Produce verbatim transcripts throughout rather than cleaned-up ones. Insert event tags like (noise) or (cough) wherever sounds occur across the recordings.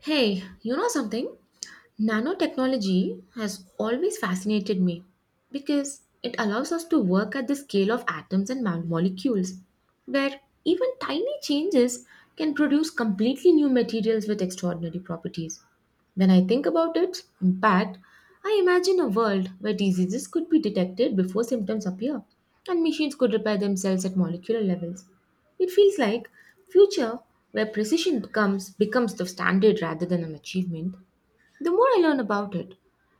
Hey, you know something? Nanotechnology has always fascinated me because it allows us to work at the scale of atoms and mo- molecules, where even tiny changes can produce completely new materials with extraordinary properties. When I think about its impact, I imagine a world where diseases could be detected before symptoms appear and machines could repair themselves at molecular levels. It feels like future where precision becomes becomes the standard rather than an achievement. The more I learn about it,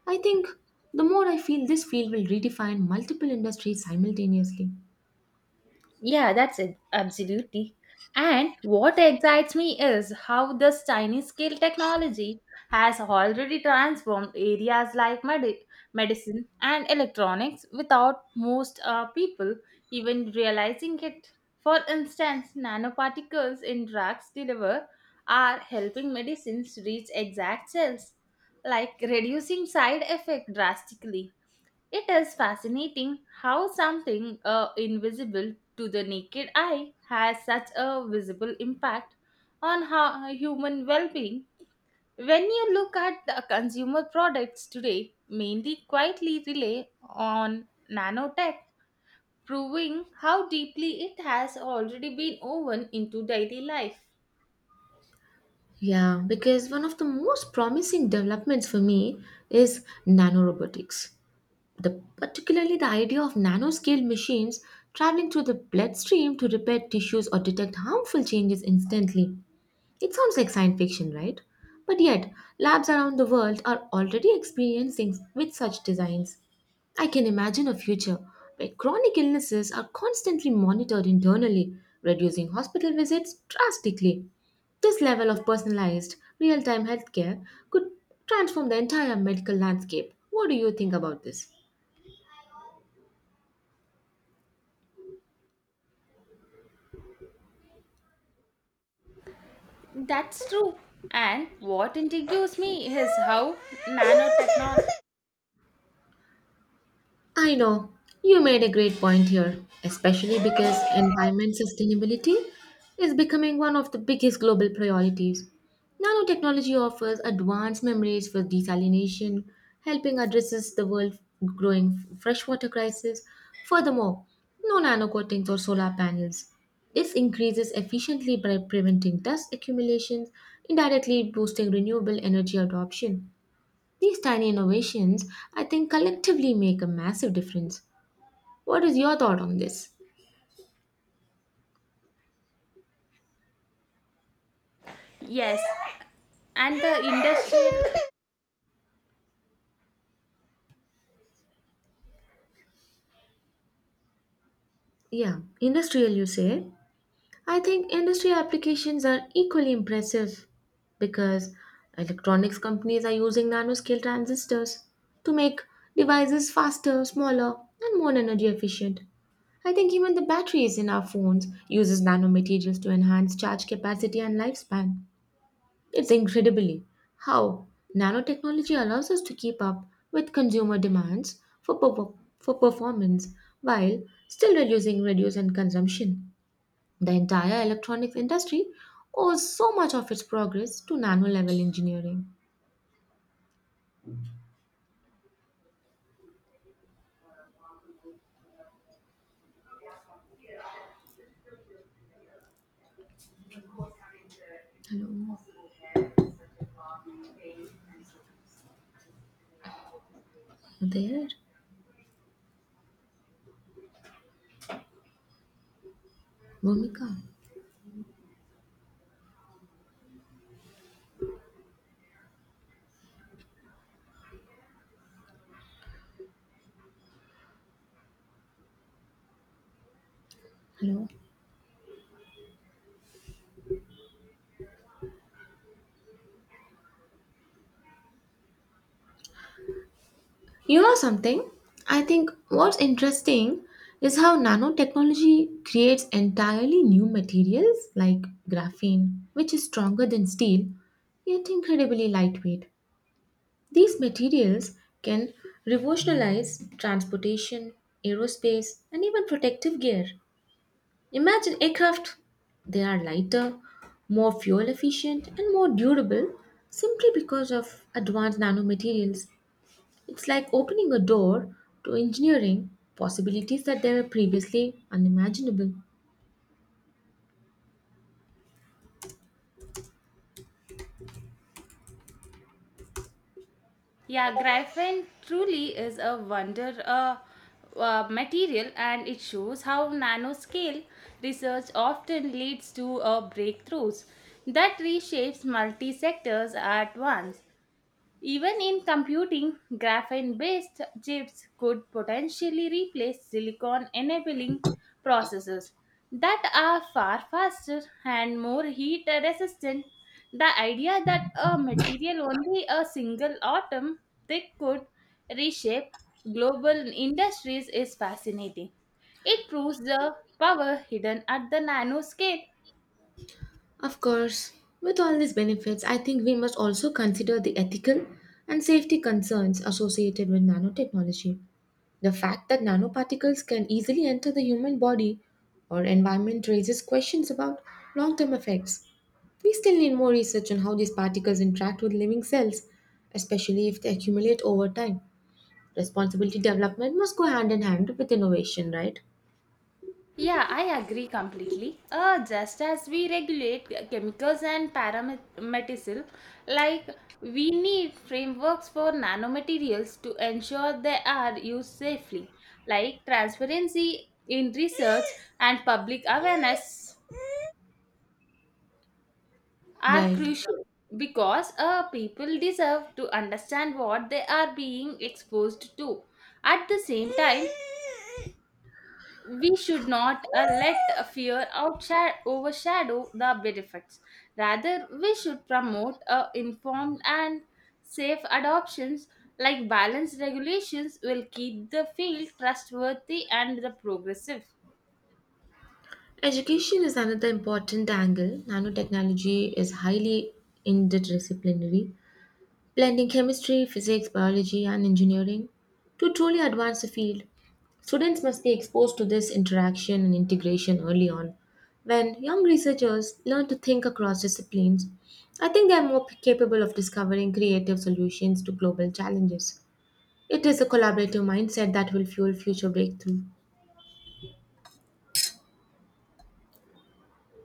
I think the more I feel this field will redefine multiple industries simultaneously. Yeah, that's it. Absolutely. And what excites me is how this tiny scale technology has already transformed areas like medi- medicine and electronics without most uh, people even realizing it. For instance, nanoparticles in drugs deliver are helping medicines reach exact cells, like reducing side effect drastically. It is fascinating how something uh, invisible to the naked eye has such a visible impact on how uh, human well-being. When you look at the consumer products today, mainly quietly rely on nanotech, proving how deeply it has already been woven into daily life. Yeah, because one of the most promising developments for me is nanorobotics. The, particularly the idea of nanoscale machines traveling through the bloodstream to repair tissues or detect harmful changes instantly. It sounds like science fiction, right? But yet, labs around the world are already experiencing with such designs. I can imagine a future where chronic illnesses are constantly monitored internally, reducing hospital visits drastically. This level of personalized, real time healthcare could transform the entire medical landscape. What do you think about this? That's true. And what intrigues me is how nanotechnology, I know you made a great point here, especially because environment sustainability is becoming one of the biggest global priorities. Nanotechnology offers advanced memories for desalination, helping addresses the world's growing freshwater crisis. Furthermore, no nanocoatings or solar panels. This increases efficiently by preventing dust accumulations, indirectly boosting renewable energy adoption. These tiny innovations, I think, collectively make a massive difference. What is your thought on this? yes, and the industry. Yeah, industrial, you say? I think industrial applications are equally impressive because electronics companies are using nanoscale transistors to make devices faster, smaller, and more energy efficient. I think even the batteries in our phones uses nanomaterials to enhance charge capacity and lifespan. It's incredibly how nanotechnology allows us to keep up with consumer demands for, per- for performance while still reducing reduce and consumption. The entire electronics industry owes so much of its progress to nano level engineering. Hello, there, Bhumika. Hello. You know something? I think what's interesting is how nanotechnology creates entirely new materials like graphene, which is stronger than steel yet incredibly lightweight. These materials can revolutionize transportation, aerospace, and even protective gear. Imagine aircraft. They are lighter, more fuel efficient, and more durable simply because of advanced nanomaterials. It's like opening a door to engineering possibilities that they were previously unimaginable. Yeah, graphene truly is a wonder uh, uh, material, and it shows how nanoscale research often leads to uh, breakthroughs that reshapes multi sectors at once. Even in computing, graphene based chips could potentially replace silicon enabling processes that are far faster and more heat resistant. The idea that a material only a single atom thick could reshape global industries is fascinating. It proves the power hidden at the nanoscale. Of course, with all these benefits, I think we must also consider the ethical and safety concerns associated with nanotechnology. The fact that nanoparticles can easily enter the human body or environment raises questions about long term effects. We still need more research on how these particles interact with living cells, especially if they accumulate over time. Responsibility development must go hand in hand with innovation, right? Yeah, I agree completely. Uh, just as we regulate chemicals and parameticil, like we need frameworks for nanomaterials to ensure they are used safely, like transparency in research and public awareness are Right. crucial because uh, people deserve to understand what they are being exposed to. At the same time, we should not uh, let a fear outsha- overshadow the benefits. Rather, we should promote uh, informed and safe adoptions. Like balanced regulations will keep the field trustworthy and the progressive. Education is another important angle. Nanotechnology is highly interdisciplinary, blending chemistry, physics, biology, and engineering to truly advance the field. Students must be exposed to this interaction and integration early on. When young researchers learn to think across disciplines, I think they are more capable of discovering creative solutions to global challenges. It is a collaborative mindset that will fuel future breakthrough.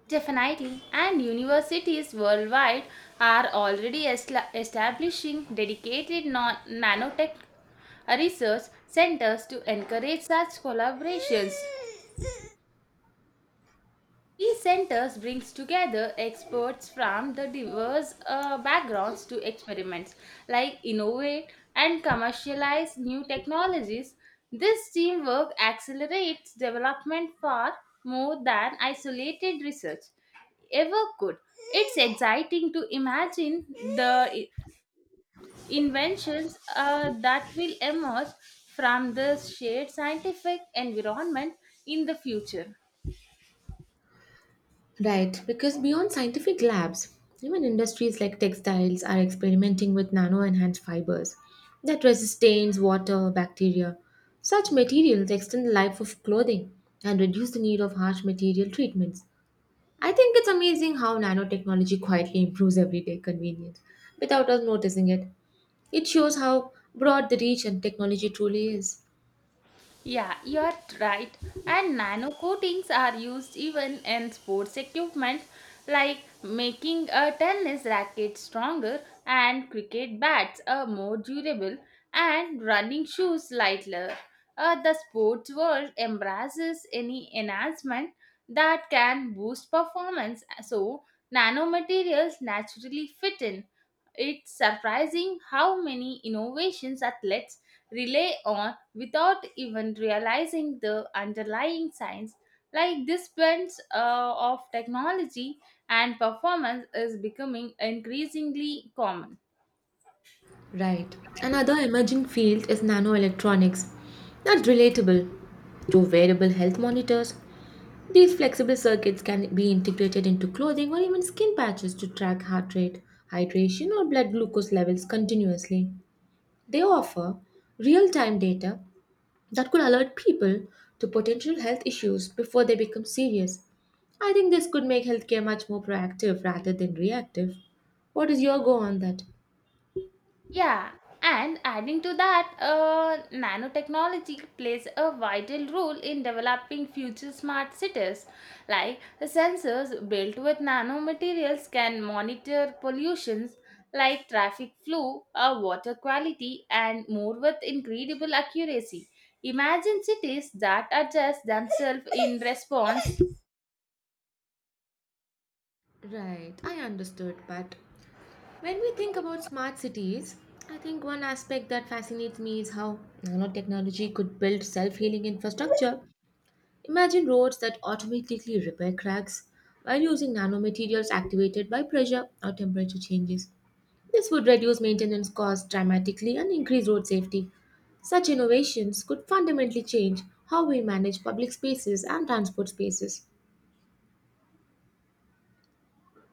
Definitely, and universities worldwide are already esla- establishing dedicated non- nanotech research centers to encourage such collaborations. These centers brings together experts from the diverse uh, backgrounds to experiments like innovate and commercialize new technologies. This teamwork accelerates development far more than isolated research ever could. It's exciting to imagine the i- inventions uh, that will emerge from this shared scientific environment in the future. Right, because beyond scientific labs, even industries like textiles are experimenting with nano enhanced fibers that resist stains, water, bacteria. Such materials extend the life of clothing and reduce the need of harsh material treatments. I think it's amazing how nanotechnology quietly improves everyday convenience without us noticing it. It shows how broad the reach and technology truly is. Yeah, you are right. And nano coatings are used even in sports equipment like making a tennis racket stronger and cricket bats are more durable and running shoes lighter. Uh, the sports world embraces any enhancement that can boost performance so nanomaterials naturally fit in. It's surprising how many innovations athletes rely on without even realizing the underlying science. Like this blend uh, of technology and performance is becoming increasingly common. Right. Another emerging field is nanoelectronics. That's relatable. To wearable health monitors, these flexible circuits can be integrated into clothing or even skin patches to track heart rate, hydration, or blood glucose levels continuously. They offer real time data that could alert people to potential health issues before they become serious. I think this could make healthcare much more proactive rather than reactive. What is your go on that? Yeah, and adding to that, uh, nanotechnology plays a vital role in developing future smart cities. Like sensors built with nanomaterials can monitor pollutions like traffic flow, uh, water quality, and more with incredible accuracy. Imagine cities that adjust themselves in (laughs) response. Right, I understood, but when we think about smart cities, I think one aspect that fascinates me is how nanotechnology could build self healing infrastructure. Imagine roads that automatically repair cracks while using nanomaterials activated by pressure or temperature changes. This would reduce maintenance costs dramatically and increase road safety. Such innovations could fundamentally change how we manage public spaces and transport spaces.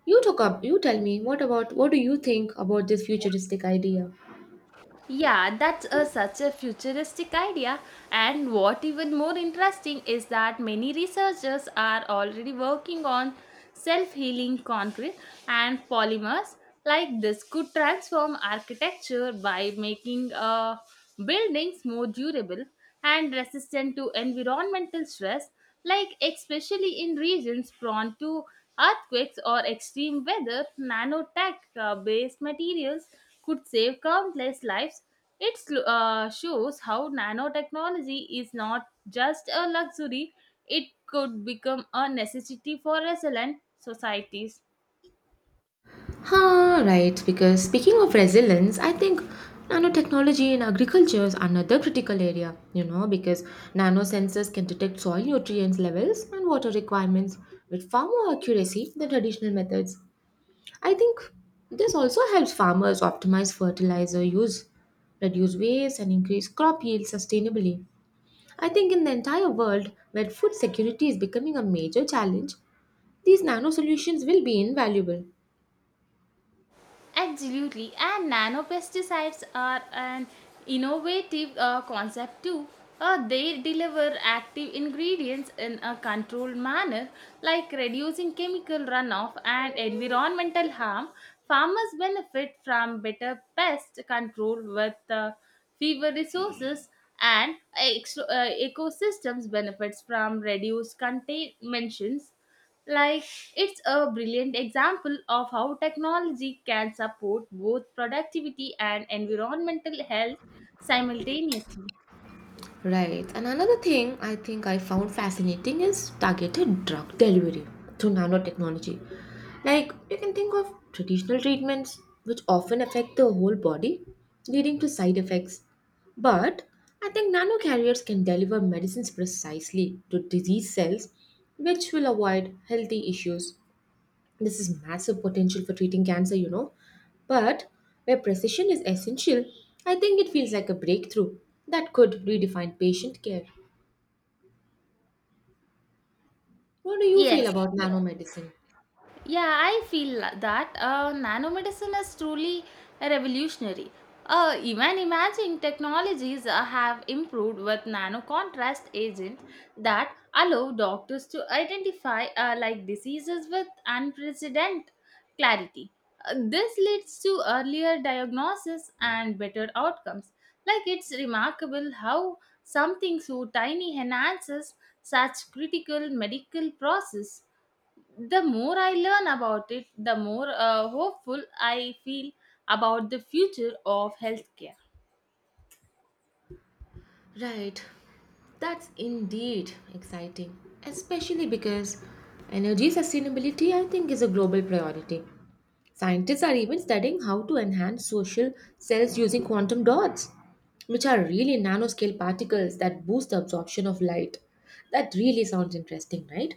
You took up, you tell me, what about what do you think about this futuristic idea? Yeah, that's a, such a futuristic idea. And what even more interesting is that many researchers are already working on self healing concrete and polymers. Like this could transform architecture by making uh, buildings more durable and resistant to environmental stress, like especially in regions prone to earthquakes or extreme weather, nanotech uh, based materials could save countless lives. It sl- uh, shows how nanotechnology is not just a luxury, it could become a necessity for resilient societies. Huh, right, because speaking of resilience, I think nanotechnology in agriculture is another critical area, you know, because nanosensors can detect soil nutrients levels and water requirements with far more accuracy than traditional methods. I think this also helps farmers optimize fertilizer use, reduce waste, and increase crop yield sustainably. I think in the entire world where food security is becoming a major challenge, these nano solutions will be invaluable. Absolutely, and nanopesticides are an innovative uh, concept too. Uh, they deliver active ingredients in a controlled manner, like reducing chemical runoff and environmental harm. Farmers benefit from better pest control with uh, fewer resources, and ex- uh, ecosystems benefits from reduced contaminations like, it's a brilliant example of how technology can support both productivity and environmental health simultaneously. Right. And another thing I think I found fascinating is targeted drug delivery through nanotechnology. Like, you can think of traditional treatments, which often affect the whole body, leading to side effects. But I think nanocarriers can deliver medicines precisely to disease cells, which will avoid healthy issues. This is massive potential for treating cancer, you know. But where precision is essential, I think it feels like a breakthrough that could redefine patient care. What do you Yes. feel about nanomedicine? Yeah, I feel la- that uh, nanomedicine is truly revolutionary. Uh, even imaging technologies uh, have improved with nano contrast agents that allow doctors to identify uh, like diseases with unprecedented clarity. Uh, this leads to earlier diagnosis and better outcomes. Like it's remarkable how something so tiny enhances such critical medical process. The more I learn about it, the more uh, hopeful I feel about the future of healthcare. Right. That's indeed exciting, especially because energy sustainability, I think, is a global priority. Scientists are even studying how to enhance social cells using quantum dots, which are really nanoscale particles that boost the absorption of light. That really sounds interesting, right?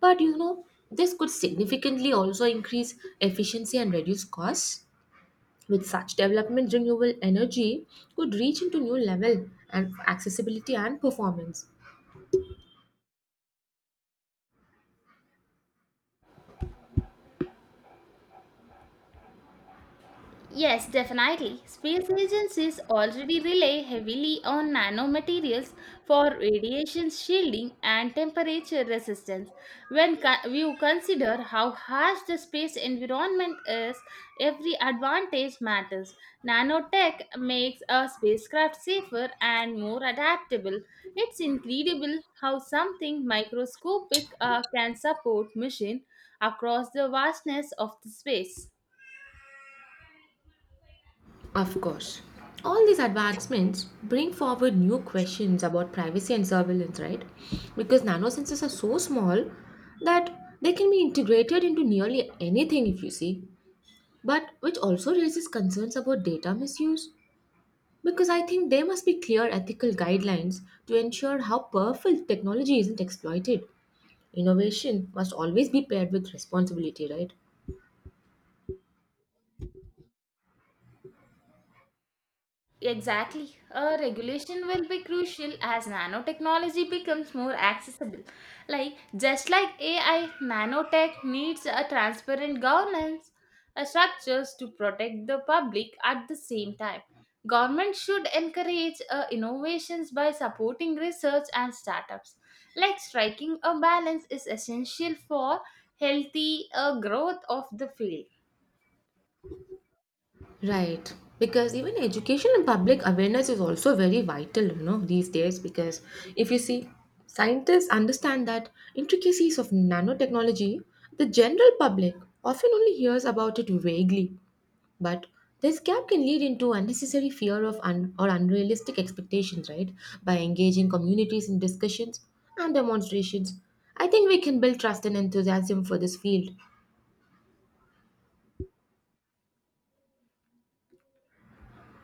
But you know, this could significantly also increase efficiency and reduce costs. With such development, renewable energy could reach into new level and accessibility and performance. Yes, definitely. Space agencies already rely heavily on nanomaterials for radiation shielding and temperature resistance. When co- you consider how harsh the space environment is, every advantage matters. Nanotech makes a spacecraft safer and more adaptable. It's incredible how something microscopic uh, can support mission across the vastness of the space. Of course. All these advancements bring forward new questions about privacy and surveillance, right? Because nanosensors are so small that they can be integrated into nearly anything if you see. But which also raises concerns about data misuse. Because I think there must be clear ethical guidelines to ensure how powerful technology isn't exploited. Innovation must always be paired with responsibility, right? Exactly. A regulation will be crucial as nanotechnology becomes more accessible. Like just like A I, nanotech needs a transparent governance uh, structures to protect the public at the same time. Government should encourage uh, innovations by supporting research and startups. Like striking a balance is essential for healthy uh, growth of the field. Right. Because even education and public awareness is also very vital, you know, these days. Because if you see, scientists understand that intricacies of nanotechnology, the general public often only hears about it vaguely. But this gap can lead into unnecessary fear of un- or unrealistic expectations, right? By engaging communities in discussions and demonstrations, I think we can build trust and enthusiasm for this field.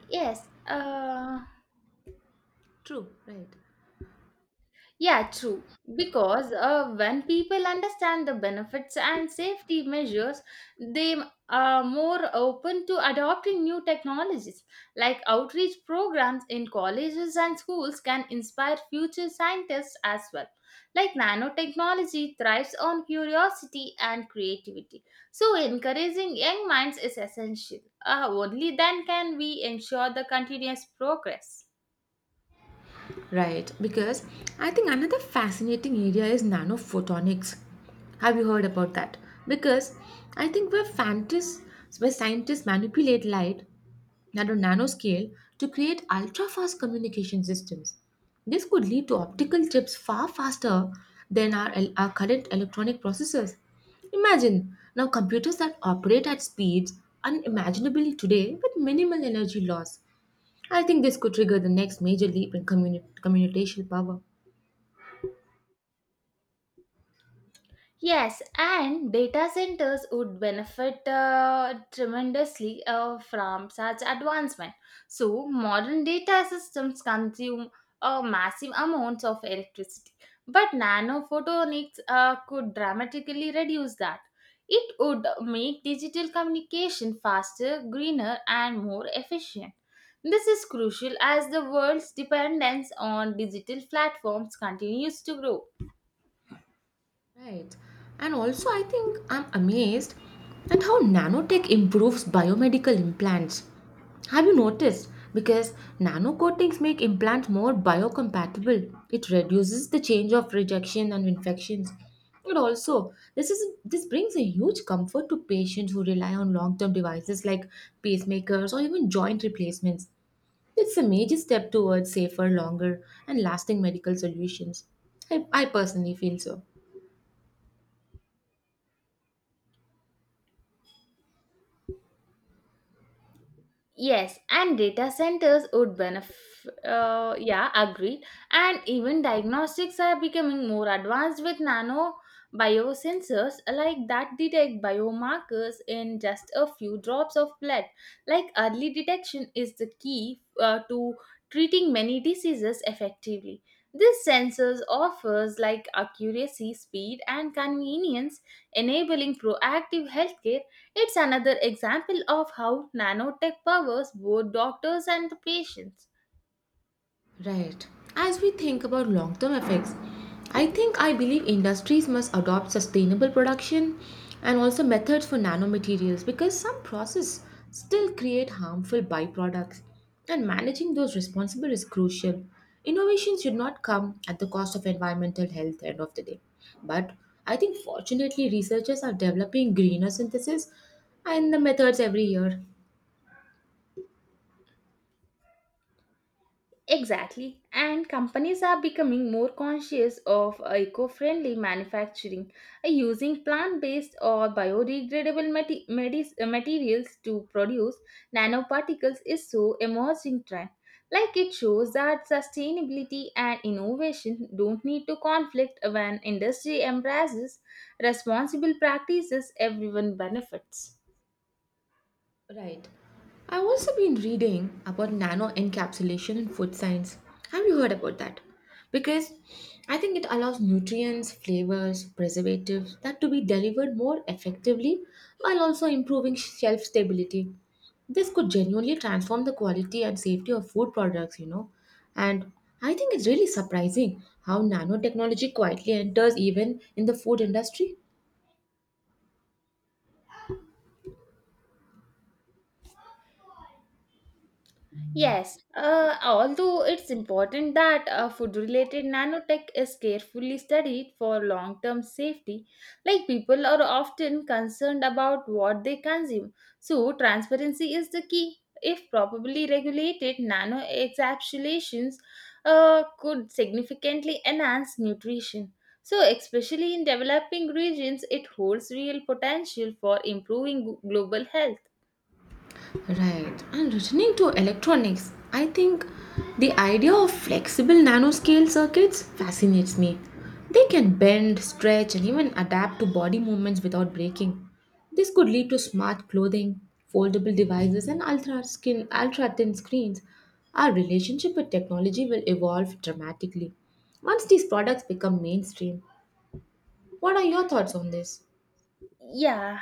Yes. Uh, True, right. Yeah, true. Because uh, when people understand the benefits and safety measures, they are more open to adopting new technologies. Like outreach programs in colleges and schools can inspire future scientists as well. Like nanotechnology thrives on curiosity and creativity. So, encouraging young minds is essential. Uh, only then can we ensure the continuous progress. Right, because I think another fascinating area is nanophotonics. Have you heard about that? Because I think where fantas where scientists manipulate light at a nanoscale to create ultra-fast communication systems. This could lead to optical chips far faster than our, el- our current electronic processors. Imagine now computers that operate at speeds unimaginable today with minimal energy loss. I think this could trigger the next major leap in communi- communicational power. Yes, and data centers would benefit uh, tremendously uh, from such advancement. So, modern data systems consume uh, massive amounts of electricity, but nanophotonics uh, could dramatically reduce that. It would make digital communication faster, greener, and more efficient. This is crucial as the world's dependence on digital platforms continues to grow. Right. And also, I think I'm amazed at how nanotech improves biomedical implants. Have you noticed? Because nano coatings make implants more biocompatible. It reduces the change of rejection and infections. And also, this is this brings a huge comfort to patients who rely on long-term devices like pacemakers or even joint replacements. It's a major step towards safer, longer, and lasting medical solutions. I, I personally feel so. Yes, and data centers would benefit. Uh, yeah, agreed. And even diagnostics are becoming more advanced with nano biosensors like that detect biomarkers in just a few drops of blood. Like early detection is the key uh, to treating many diseases effectively. This sensors offers like accuracy, speed, and convenience, enabling proactive healthcare. It's another example of how nanotech powers both doctors and the patients. Right. As we think about long term effects, I think I believe industries must adopt sustainable production and also methods for nanomaterials because some processes still create harmful byproducts and managing those responsible is crucial. Innovation should not come at the cost of environmental health end of the day. But I think fortunately researchers are developing greener synthesis and the methods every year. Exactly, and companies are becoming more conscious of eco friendly manufacturing, uh, using plant based or biodegradable mate- medis- uh, materials to produce nanoparticles is so emerging trend. Like it shows that sustainability and innovation don't need to conflict when industry embraces responsible practices, everyone benefits. Right. I've also been reading about nano encapsulation in food science. Have you heard about that? Because I think it allows nutrients, flavors, preservatives that to be delivered more effectively while also improving shelf stability. This could genuinely transform the quality and safety of food products, you know. And I think it's really surprising how nanotechnology quietly enters even in the food industry. Yes, uh, although it's important that uh, food related nanotech is carefully studied for long term safety, like people are often concerned about what they consume. So, transparency is the key. If properly regulated, nano encapsulations uh, could significantly enhance nutrition. So, especially in developing regions, it holds real potential for improving global health. Right. And returning to electronics, I think the idea of flexible nanoscale circuits fascinates me. They can bend, stretch, and even adapt to body movements without breaking. This could lead to smart clothing, foldable devices, and ultra skin ultra thin screens. Our relationship with technology will evolve dramatically once these products become mainstream. What are your thoughts on this? Yeah,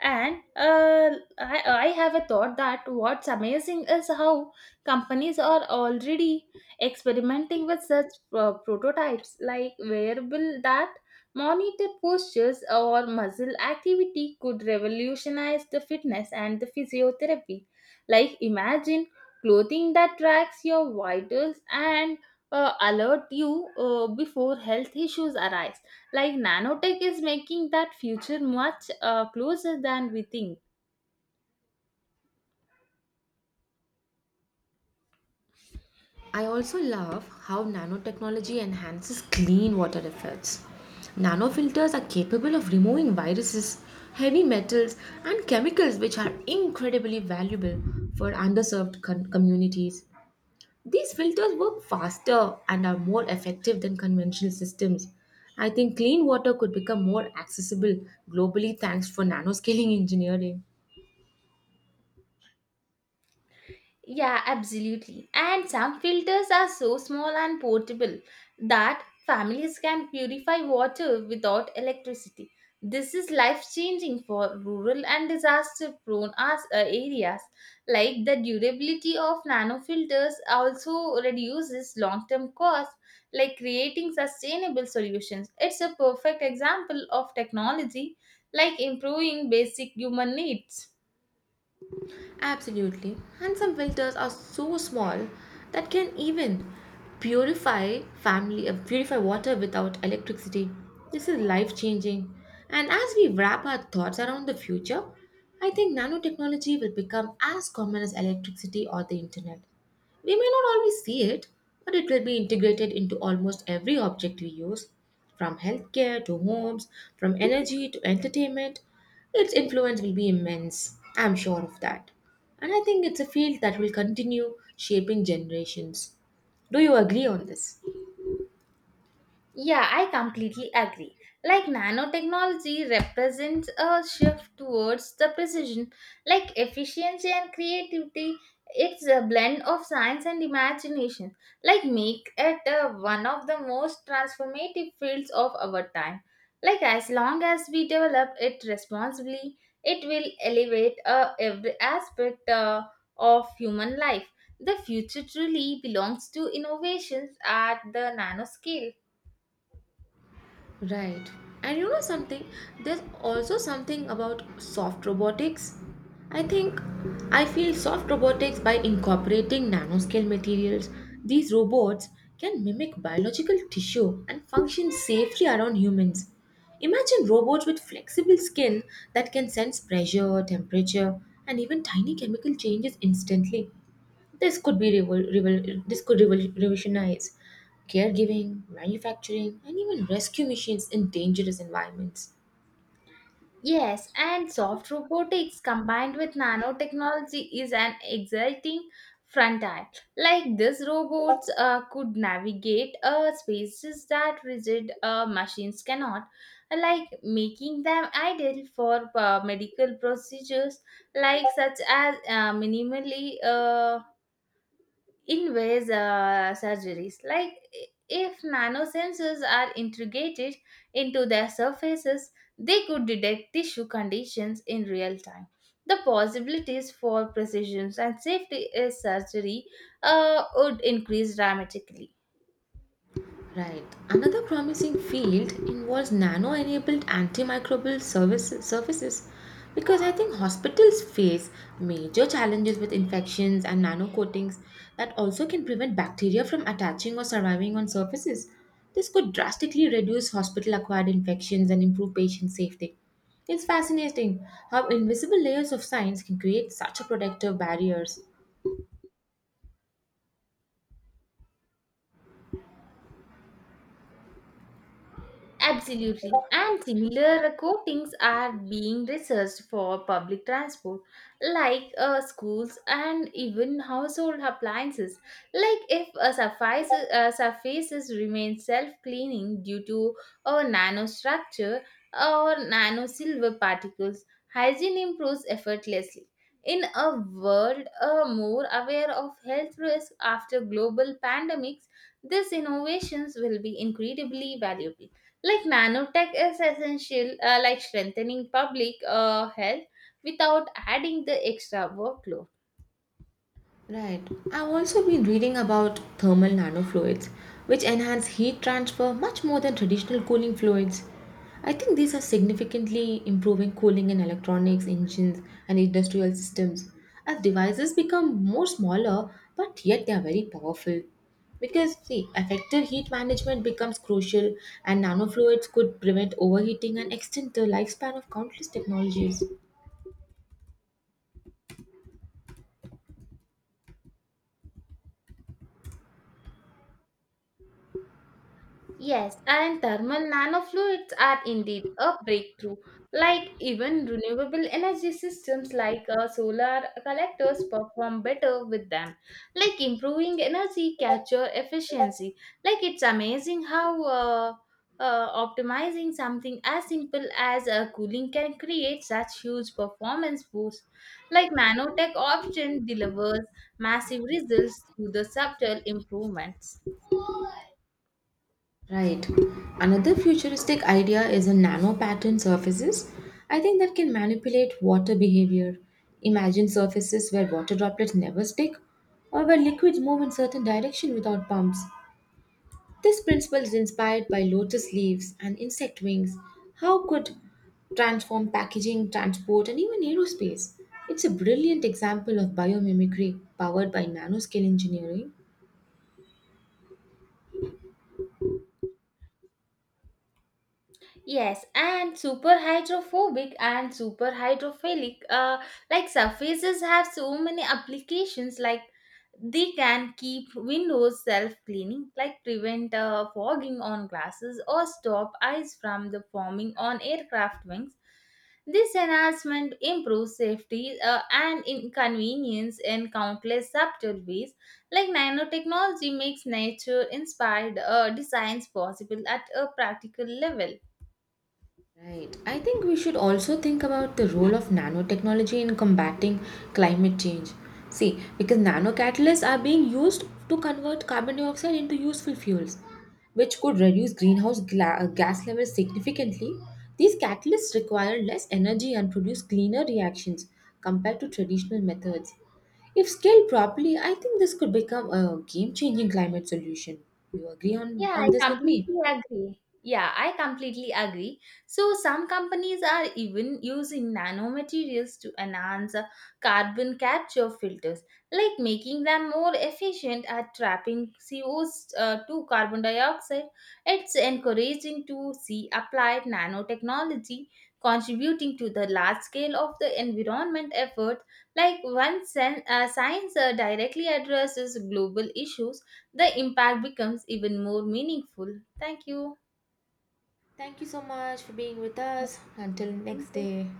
and uh, I, I have a thought that what's amazing is how companies are already experimenting with such uh, prototypes like wearable that monitor postures or muscle activity could revolutionize the fitness and the physiotherapy. Like imagine clothing that tracks your vitals and uh, alert you uh, before health issues arise like nanotech is making that future much uh, closer than we think. I also love how nanotechnology enhances clean water efforts. Nanofilters are capable of removing viruses, heavy metals, and chemicals which are incredibly valuable for underserved con- communities. These filters work faster and are more effective than conventional systems. I think clean water could become more accessible globally thanks for nanoscaling engineering. Yeah, absolutely. And some filters are so small and portable that families can purify water without electricity. This is life changing for rural and disaster prone areas. Like the durability of nano filters also reduces long term costs, like creating sustainable solutions. It's a perfect example of technology like improving basic human needs. Absolutely. And some filters are so small that can even purify family uh, purify water without electricity. This is life changing. And as we wrap our thoughts around the future, I think nanotechnology will become as common as electricity or the internet. We may not always see it, but it will be integrated into almost every object we use, from healthcare to homes, from energy to entertainment. Its influence will be immense, I'm sure of that. And I think it's a field that will continue shaping generations. Do you agree on this? Yeah, I completely agree. Like nanotechnology represents a shift towards the precision, like efficiency and creativity. It's a blend of science and imagination, like make it uh, one of the most transformative fields of our time. Like as long as we develop it responsibly, it will elevate uh, every aspect uh, of human life. The future truly belongs to innovations at the nanoscale. Right. And you know something? There's also something about soft robotics. I think I feel soft robotics by incorporating nanoscale materials. These robots can mimic biological tissue and function safely around humans. Imagine robots with flexible skin that can sense pressure, temperature, and even tiny chemical changes instantly. This could be revol- revol- this could revol- revolutionize caregiving, manufacturing, and even rescue missions in dangerous environments. Yes, and soft robotics combined with nanotechnology is an exciting frontier. Like these robots uh, could navigate uh, spaces that rigid uh, machines cannot, like making them ideal for uh, medical procedures, like such as uh, minimally uh, in ways uh, surgeries. Like if nanosensors are integrated into their surfaces, they could detect tissue conditions in real time. The possibilities for precision and safety in surgery uh, would increase dramatically. Right. Another promising field involves nano enabled antimicrobial service, surfaces because I think hospitals face major challenges with infections and nano coatings that also can prevent bacteria from attaching or surviving on surfaces. This could drastically reduce hospital acquired infections and improve patient safety. It's fascinating how invisible layers of science can create such a protective barriers. Absolutely. And similar coatings are being researched for public transport, like uh, schools and even household appliances. Like if a surface, uh, surfaces remain self-cleaning due to a nanostructure or nano silver particles, hygiene improves effortlessly. In a world uh, more aware of health risks after global pandemics, these innovations will be incredibly valuable. Like nanotech is essential, uh, like strengthening public uh, health without adding the extra workload. Right. I've also been reading about thermal nanofluids, which enhance heat transfer much more than traditional cooling fluids. I think these are significantly improving cooling in electronics, engines, and industrial systems. As devices become more smaller, but yet they are very powerful. Because, see, effective heat management becomes crucial, and nanofluids could prevent overheating and extend the lifespan of countless technologies. Yes, and thermal nanofluids are indeed a breakthrough. Like even renewable energy systems like uh, solar collectors perform better with them, like improving energy capture efficiency. Like it's amazing how uh, uh, optimizing something as simple as uh, cooling can create such huge performance boosts. Like nanotech option delivers massive results through the subtle improvements. Right. Another futuristic idea is a nano pattern surfaces. I think that can manipulate water behavior. Imagine surfaces where water droplets never stick or where liquids move in certain direction without pumps. This principle is inspired by lotus leaves and insect wings. How could transform packaging, transport and even aerospace? It's a brilliant example of biomimicry powered by nanoscale engineering. Yes, and superhydrophobic and superhydrophilic, uh, like surfaces have so many applications. Like they can keep windows self-cleaning, like prevent uh, fogging on glasses or stop ice from the forming on aircraft wings. This enhancement improves safety uh, and inconvenience in countless subtle ways. Like nanotechnology makes nature-inspired uh, designs possible at a practical level. Right. I think we should also think about the role of nanotechnology in combating climate change. See, because nanocatalysts are being used to convert carbon dioxide into useful fuels, which could reduce greenhouse gla- uh, gas levels significantly. These catalysts require less energy and produce cleaner reactions compared to traditional methods. If scaled properly, I think this could become a game changing climate solution. You agree on, Yeah, I on this with me? completely agree. Yeah, I completely agree. So some companies are even using nanomaterials to enhance uh, carbon capture filters, like making them more efficient at trapping C O two carbon dioxide. It's encouraging to see applied nanotechnology contributing to the large scale of the environment effort. Like once sen- uh, science uh, directly addresses global issues, the impact becomes even more meaningful. Thank you. Thank you so much for being with us. Until Thank next you. day.